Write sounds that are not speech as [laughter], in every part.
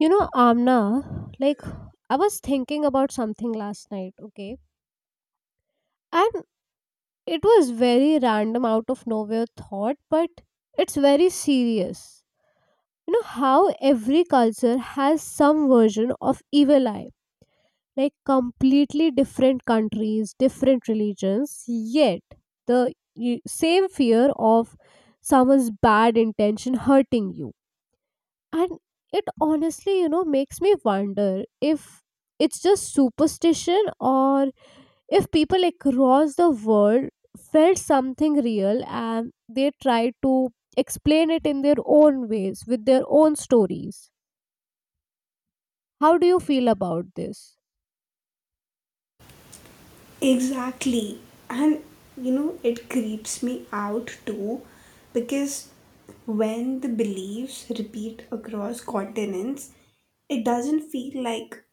Amna, like I was thinking about something last night, okay? And it was very random out of nowhere thought, but it's very serious. You know how every culture has some version of evil eye. Like completely different countries, different religions, yet the same fear of someone's bad intention hurting you. And it honestly, makes me wonder if it's just superstition, or if people across the world felt something real and they tried to explain it in their own ways with their own stories. How do you feel about this? Exactly. And you know, it creeps me out too because when the beliefs repeat across continents, it doesn't feel like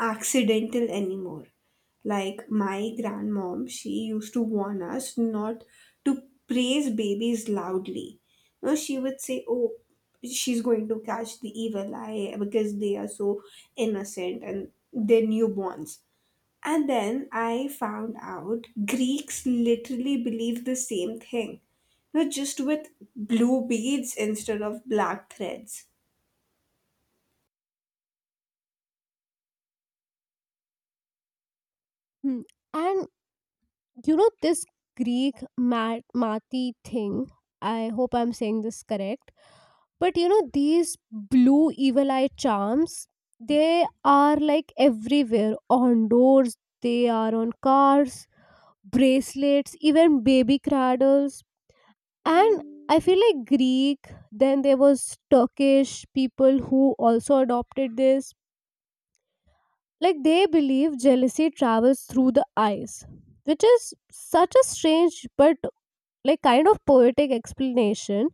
accidental anymore. Like my grandmom, she used to warn us not to praise babies loudly. No, she would say, "Oh, she's going to catch the evil eye because they are so innocent and they're newborns," and then I found out Greeks literally believe the same thing, but just with blue beads instead of black threads. Hmm. And this Greek Mati thing, I hope I'm saying this correct. But these blue evil eye charms, they are like everywhere on doors, they are on cars, bracelets, even baby cradles. And I feel like Greek, then there was Turkish people who also adopted this. Like they believe jealousy travels through the eyes, which is such a strange but like kind of poetic explanation.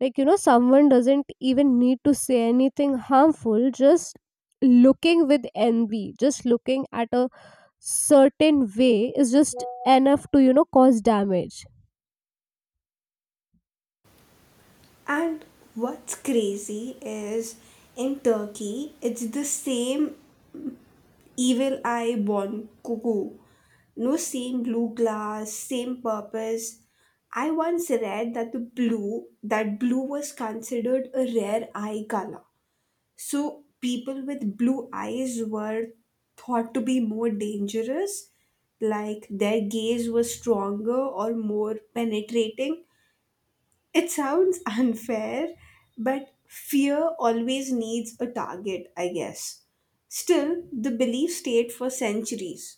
Like someone doesn't even need to say anything harmful, just looking with envy, just looking at a certain way is just enough to cause damage. And what's crazy is in Turkey, it's the same evil eye born cuckoo. No, same blue glass, same purpose. I once read that the blue was considered a rare eye color. So people with blue eyes were thought to be more dangerous, like their gaze was stronger or more penetrating. It sounds [laughs] unfair, but fear always needs a target, I guess. Still, the belief stayed for centuries.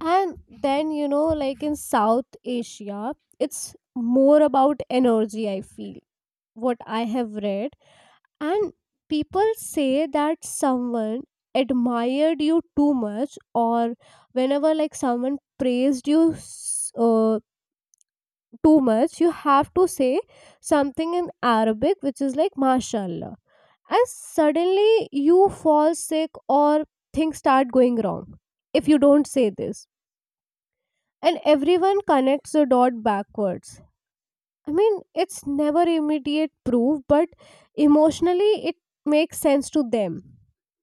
And then like in South Asia, it's more about energy, I feel, what I have read. And people say that someone admired you too much, or whenever like someone praised you too much, you have to say something in Arabic, which is like mashallah, and suddenly you fall sick or things start going wrong if you don't say this. And everyone connects the dot backwards. I mean, it's never immediate proof, but emotionally it makes sense to them.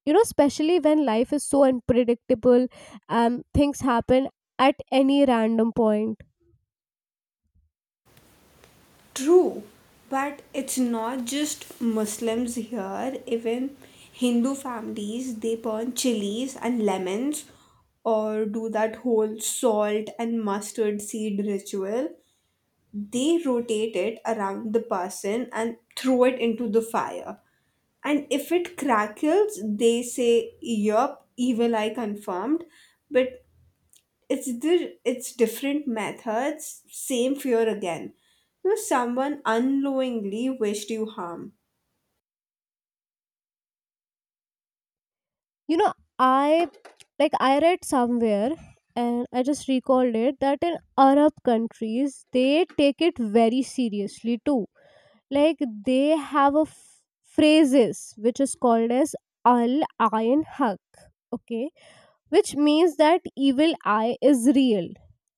Especially when life is so unpredictable. Things happen at any random point. True, but it's not just Muslims here. Even Hindu families, they burn chilies and lemons or do that whole salt and mustard seed ritual. They rotate it around the person and throw it into the fire. And if it crackles, they say, "Yup, evil eye confirmed." But it's different methods, same fear again. You know, someone unknowingly wished you harm. You know, I like I read somewhere, and I just recalled it, that in Arab countries they take it very seriously too. Like they have phrases which is called as al ayn haq. Okay, which means that evil eye is real,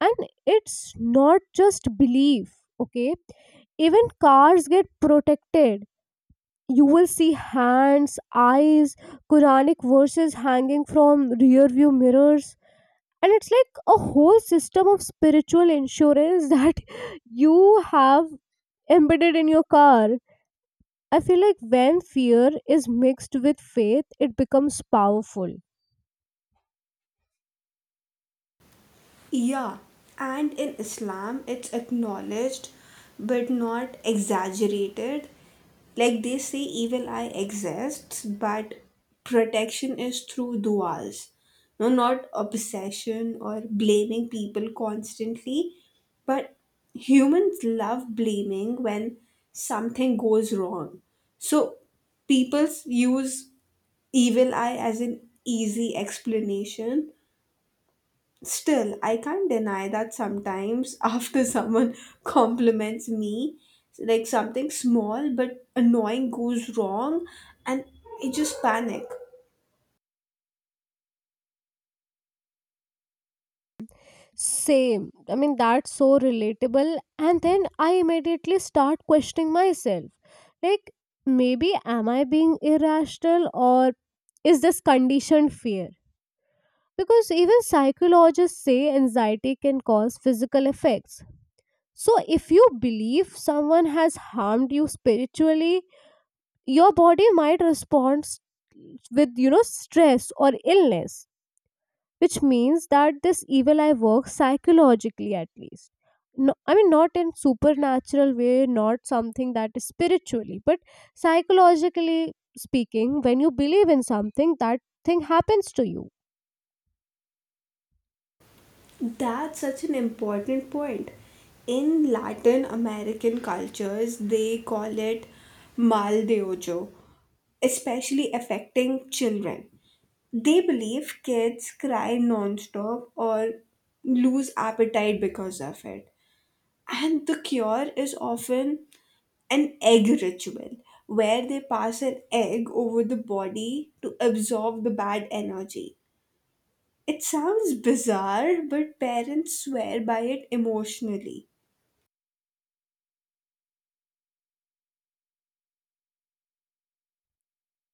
and it's not just belief. Okay, even cars get protected. You will see hands, eyes, quranic verses hanging from rear view mirrors, and it's like a whole system of spiritual insurance [laughs] that you have embedded in your car. I feel like when fear is mixed with faith, it becomes powerful. Yeah, and in Islam, it's acknowledged but not exaggerated. Like they say, evil eye exists, but protection is through du'as. No, not obsession or blaming people constantly, but humans love blaming when something goes wrong. So people use evil eye as an easy explanation. Still, I can't deny that sometimes [laughs] after someone compliments me, like something small but annoying goes wrong, and I just panic. Same. I mean, that's so relatable. And then I immediately start questioning myself. Like, maybe am I being irrational, or is this conditioned fear? Because even psychologists say anxiety can cause physical effects. So, if you believe someone has harmed you spiritually, your body might respond with stress or illness, which means that this evil eye works psychologically, at least. No, I mean, not in supernatural way, not something that is spiritually, but psychologically speaking, when you believe in something, that thing happens to you. That's such an important point. In Latin American cultures, they call it mal de ojo, especially affecting children. They believe kids cry non-stop or lose appetite because of it. And the cure is often an egg ritual, where they pass an egg over the body to absorb the bad energy. It sounds bizarre, but parents swear by it emotionally.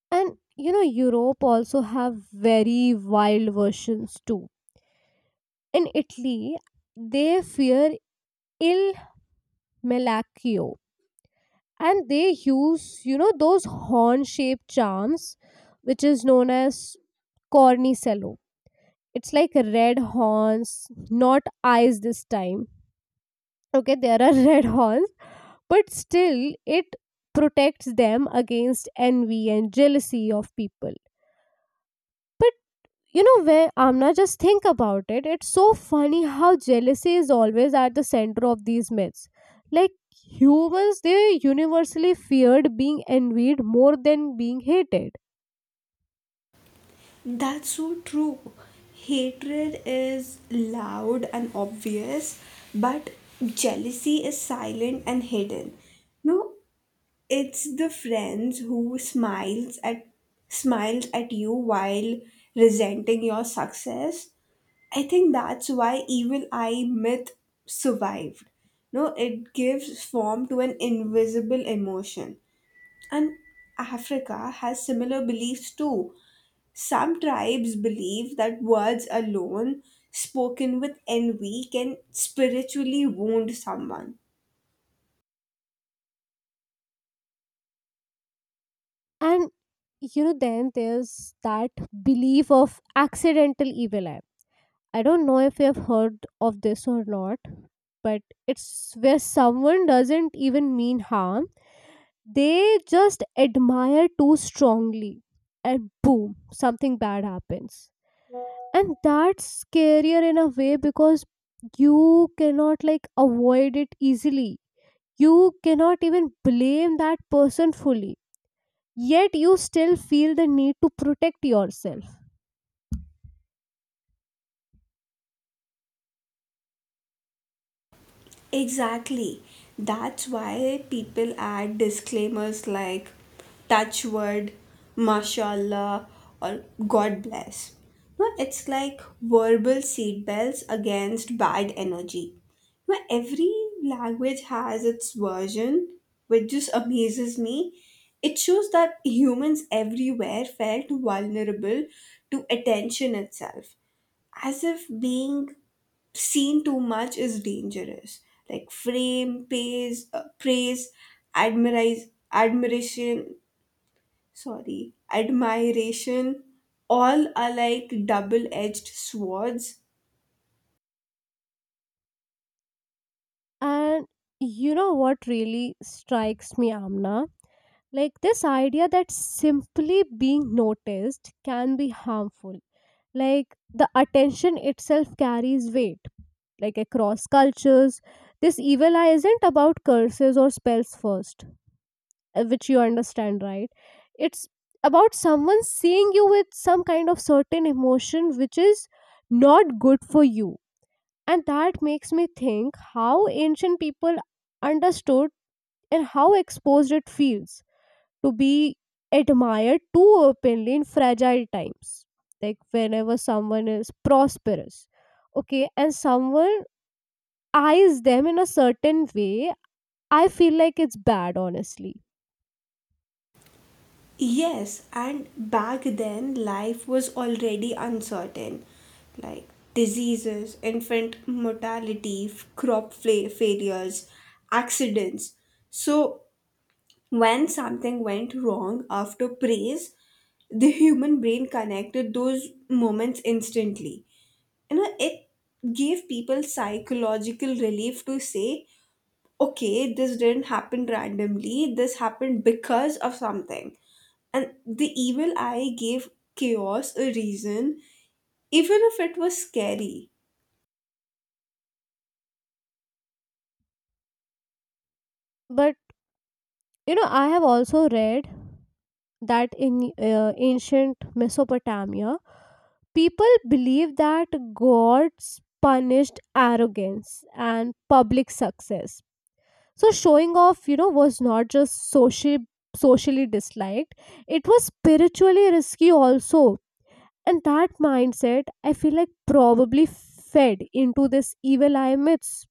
And Europe also have very wild versions too. In Italy, they fear il malacchio, and they use those horn shaped charms, which is known as cornicello. It's like red horns, not eyes this time. Okay, there are [laughs] red horns, but still it protects them against envy and jealousy of people. But you know where, Amna, just think about it. It's so funny how jealousy is always at the center of these myths. Like, humans, they universally feared being envied more than being hated. That's so true. Hatred is loud and obvious, but jealousy is silent and hidden. No, it's the friends who smiles at you while resenting your success. I think that's why evil eye myth survived. No, it gives form to an invisible emotion. And Africa has similar beliefs too. Some tribes believe that words alone spoken with envy can spiritually wound someone. And then there's that belief of accidental evil eye. I don't know if you've heard of this or not, but it's where someone doesn't even mean harm. They just admire too strongly, and boom, something bad happens. And that's scarier in a way, because you cannot like avoid it easily. You cannot even blame that person fully. Yet you still feel the need to protect yourself. Exactly. That's why people add disclaimers like touch word, mashallah, or God bless. No, it's like verbal seatbelts against bad energy. Where every language has its version, which just amazes me. It shows that humans everywhere felt vulnerable to attention itself, as if being seen too much is dangerous. Like frame, praise, admiration, admiration, all are like double-edged swords. And you know what really strikes me, Amna? Like this idea that simply being noticed can be harmful. Like the attention itself carries weight. Like across cultures, this evil eye isn't about curses or spells first. Which you understand, right? It's about someone seeing you with some kind of certain emotion, which is not good for you, and that makes me think how ancient people understood, and how exposed it feels to be admired too openly in fragile times, like whenever someone is prosperous. Okay, and someone eyes them in a certain way, I feel like it's bad honestly. Yes, and back then life was already uncertain, like diseases, infant mortality, crop failures, accidents. So when something went wrong after praise, the human brain connected those moments instantly. You know, it gave people psychological relief to say, okay, this didn't happen randomly, this happened because of something. And the evil eye gave chaos a reason, even if it was scary. But I have also read that in ancient Mesopotamia, people believed that gods punished arrogance and public success. So showing off, was not just socially disliked; it was spiritually risky also. And that mindset, I feel like, probably fed into this evil eye myths.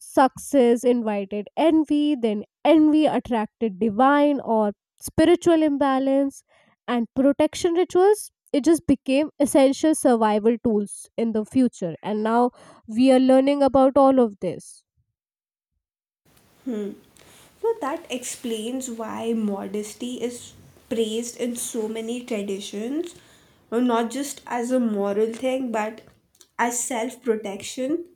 Success invited envy, then envy attracted divine or spiritual imbalance, and protection rituals. It just became essential survival tools in the future. And now we are learning about all of this. So that explains why modesty is praised in so many traditions, not just as a moral thing, but as self protection.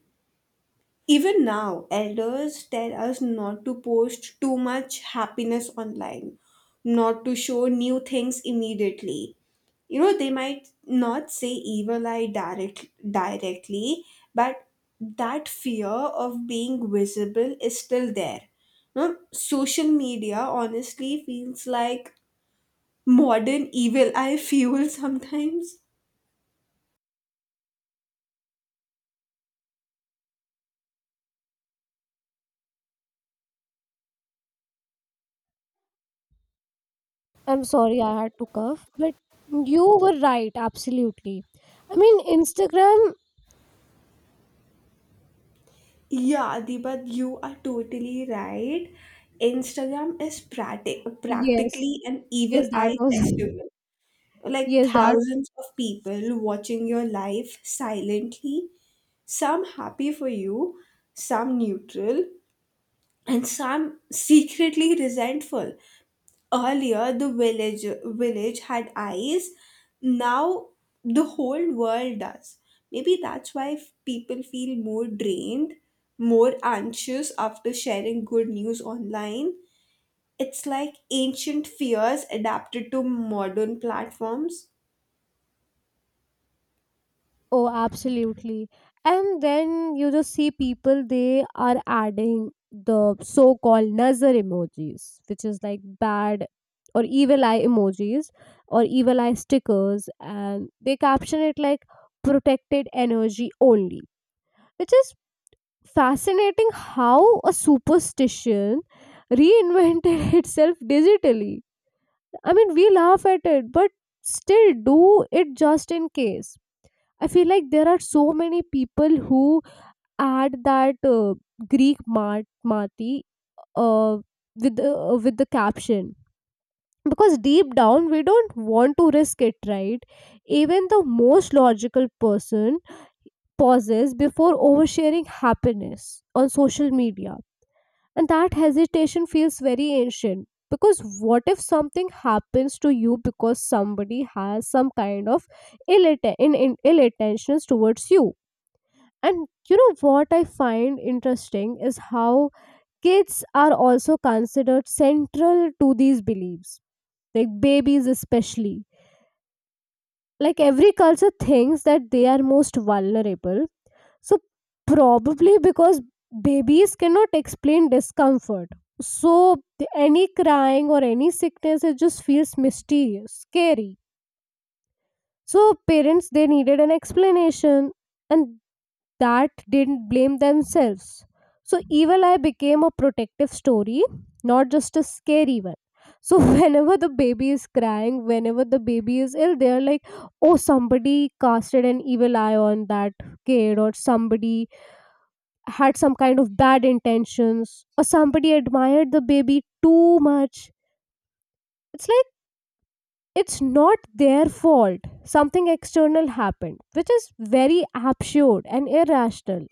Even now, elders tell us not to post too much happiness online, not to show new things immediately. You know, they might not say evil eye directly, but that fear of being visible is still there. No, social media honestly feels like modern evil eye [laughs] fuel sometimes. I'm sorry I had to cough, but you were right, absolutely. I mean, Instagram. Yeah, Adibat, you are totally right. Instagram is Yes, practically an evil yes, that eye was, festival. [laughs] Like yes, that. thousands of people watching your life silently, some happy for you, some neutral, and some secretly resentful. Earlier, the village had eyes. Now, the whole world does. Maybe that's why people feel more drained, more anxious after sharing good news online. It's like ancient fears adapted to modern platforms. Oh, absolutely. And then you just see people, they are adding the so called Nazar emojis, which is like bad or evil eye emojis, or evil eye stickers. And they caption it like protected energy only, which is fascinating, how a superstition reinvented [laughs] itself digitally. I mean, we laugh at it, but still do it just in case. I feel like there are so many people who add that Greek marty uh, with the caption, because deep down we don't want to risk it, right? Even the most logical person pauses before oversharing happiness on social media, and that hesitation feels very ancient. Because what if something happens to you because somebody has some kind of ill, atten- in, ill intentions towards you? And you know what I find interesting is how kids are also considered central to these beliefs, like babies especially. Like every culture thinks that they are most vulnerable. So, probably because babies cannot explain discomfort. So, any crying or any sickness, it just feels mysterious, scary. So, parents, they needed an explanation. And that didn't blame themselves. So Evil Eye became a protective story, not just a scary one. So [laughs] whenever the baby is crying, whenever the baby is ill, they're like, oh, somebody casted an evil eye on that kid, or somebody had some kind of bad intentions, or somebody admired the baby too much. It's like it's not their fault. Something external happened, which is very absurd and irrational.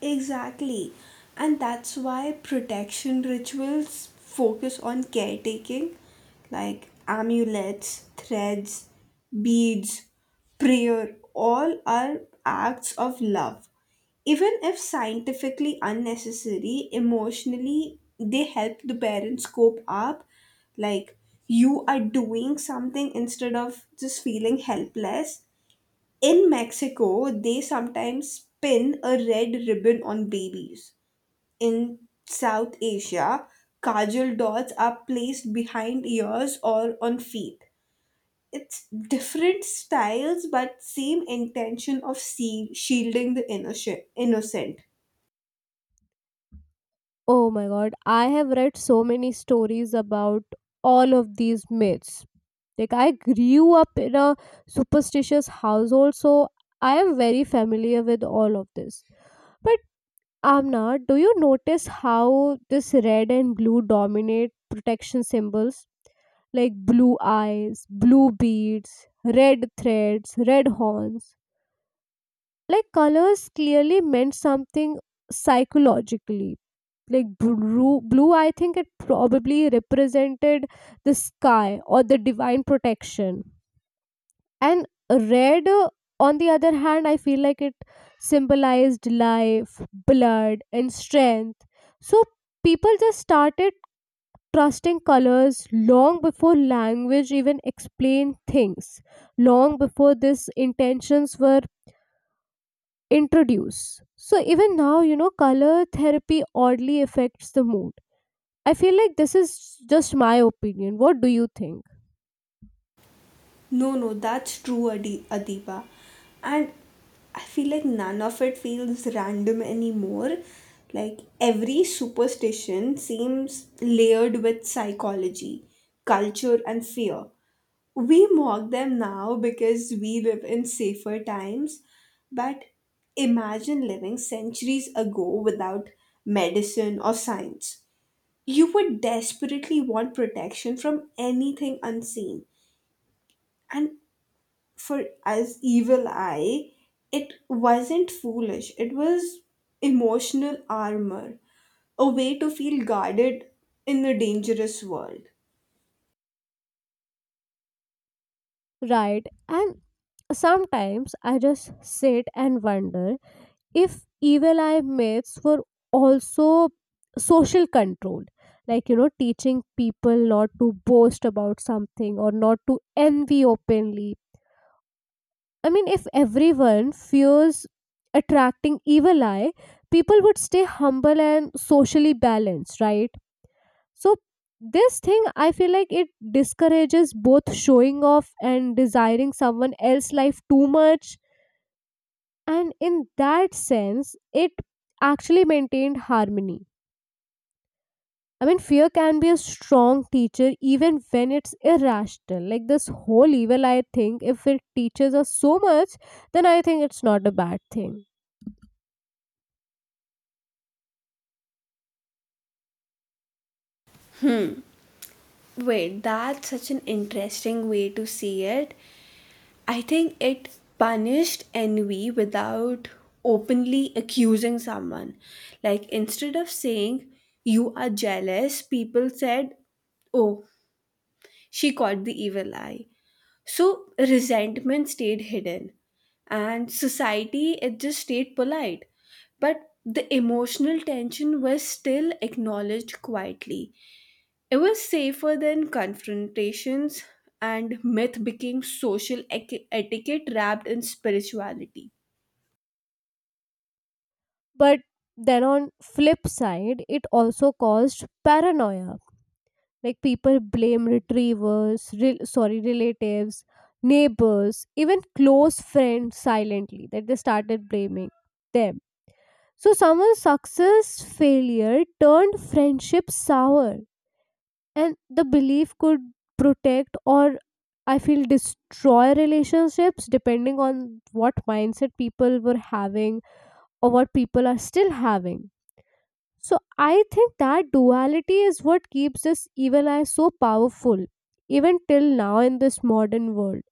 Exactly. And that's why protection rituals focus on caretaking, like amulets, threads, beads, prayer, all are acts of love. Even if scientifically unnecessary, emotionally they help the parents cope up. Like you are doing something instead of just feeling helpless. In Mexico, they sometimes pin a red ribbon on babies. In South Asia, kajal dots are placed behind ears or on feet. It's different styles but same intention of shielding the innocent. Oh my god, I have read so many stories about all of these myths. Like, I grew up in a superstitious household, so I am very familiar with all of this. But, Amna, do you notice how this red and blue dominate protection symbols? Like blue eyes, blue beads, red threads, red horns. Like, colors clearly meant something psychologically, like blue, I think, it probably represented the sky or the divine protection. And red, on the other hand, I feel like it symbolized life, blood, and strength. So people just started trusting colors long before language even explained things, long before these intentions were introduced. So even now, color therapy oddly affects the mood. I feel like this is just my opinion. What do you think? No, no, that's true, Adiba. And I feel like none of it feels random anymore. Like every superstition seems layered with psychology, culture, and fear. We mock them now because we live in safer times, but imagine living centuries ago without medicine or science. You would desperately want protection from anything unseen. And for as evil eye, it wasn't foolish, it was emotional armor, a way to feel guarded in the dangerous world. Right. And sometimes I just sit and wonder if evil eye myths were also social control. Like, teaching people not to boast about something, or not to envy openly. I mean, if everyone fears attracting evil eye, people would stay humble and socially balanced, right? So, this thing, I feel like it discourages both showing off and desiring someone else's life too much. And in that sense, it actually maintained harmony. I mean, fear can be a strong teacher even when it's irrational. Like this whole evil, I think, if it teaches us so much, then I think it's not a bad thing. Wait, that's such an interesting way to see it. I think it punished envy without openly accusing someone. Like, instead of saying, "You are jealous," people said, "Oh, she caught the evil eye." So resentment stayed hidden, and society it just stayed polite. But the emotional tension was still acknowledged quietly. It was safer than confrontations, and myth became social etiquette wrapped in spirituality. But then on flip side, it also caused paranoia. Like people blame retrievers, sorry, relatives, neighbors, even close friends silently, that they started blaming them. So someone's success failure turned friendship sour, and the belief could protect or, I feel, destroy relationships depending on what mindset people were having, or what people are still having. So I think that duality is what keeps this evil eye so powerful, even till now in this modern world.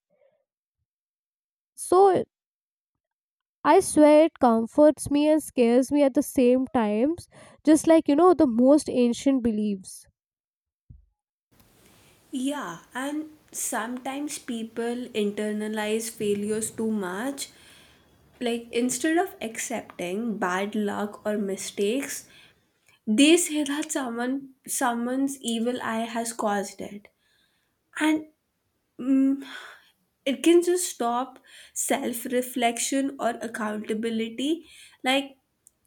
So I swear it comforts me and scares me at the same times, just like the most ancient beliefs. Yeah, and sometimes people internalize failures too much, like instead of accepting bad luck or mistakes, they say that someone's evil eye has caused it. And mm, it can just stop self-reflection or accountability. Like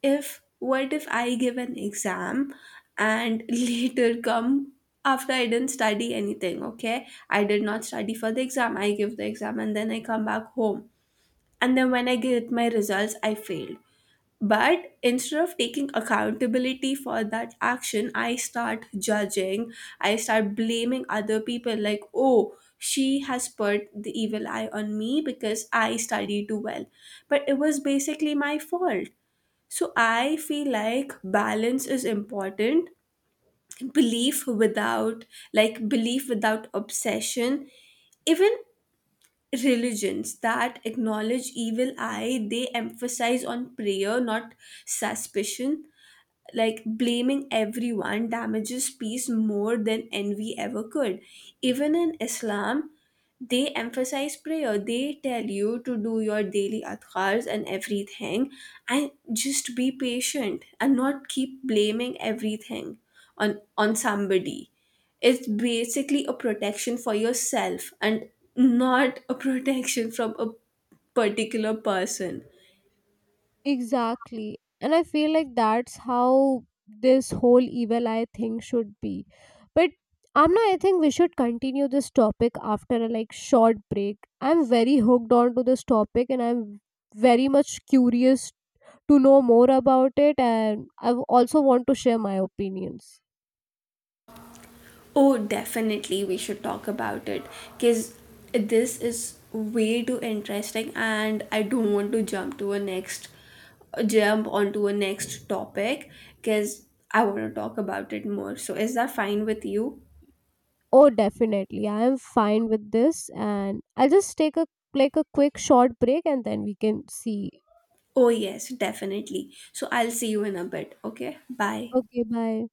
if, what if I give an exam and [laughs] later come after I didn't study anything, okay? I did not study for the exam. I give the exam and then I come back home. And then when I get my results, I failed. But instead of taking accountability for that action, I start judging, I start blaming other people like, "Oh, she has put the evil eye on me because I studied too well." But it was basically my fault. So I feel like balance is important. Belief without, like, belief without obsession. Even religions that acknowledge evil eye, they emphasize on prayer, not suspicion. Like blaming everyone damages peace more than envy ever could. Even in Islam, they emphasize prayer, they tell you to do your daily adhkars and everything, and just be patient and not keep blaming everything on somebody. It's basically a protection for yourself and not a [laughs] protection from a particular person. Exactly, and I feel like that's how this whole evil eye thing should be. But Amna, I think we should continue this topic after a like short break. I'm very hooked on to this topic, and I'm very much curious to know more about it, and I also want to share my opinions. Oh, definitely, we should talk about it because this is way too interesting, and I don't want to jump onto a next topic because I want to talk about it more. So, is that fine with you? Oh, definitely. I am fine with this, and I'll just take a like a quick short break and then we can see. Oh, yes, definitely. So, I'll see you in a bit. Okay, bye. Okay, bye.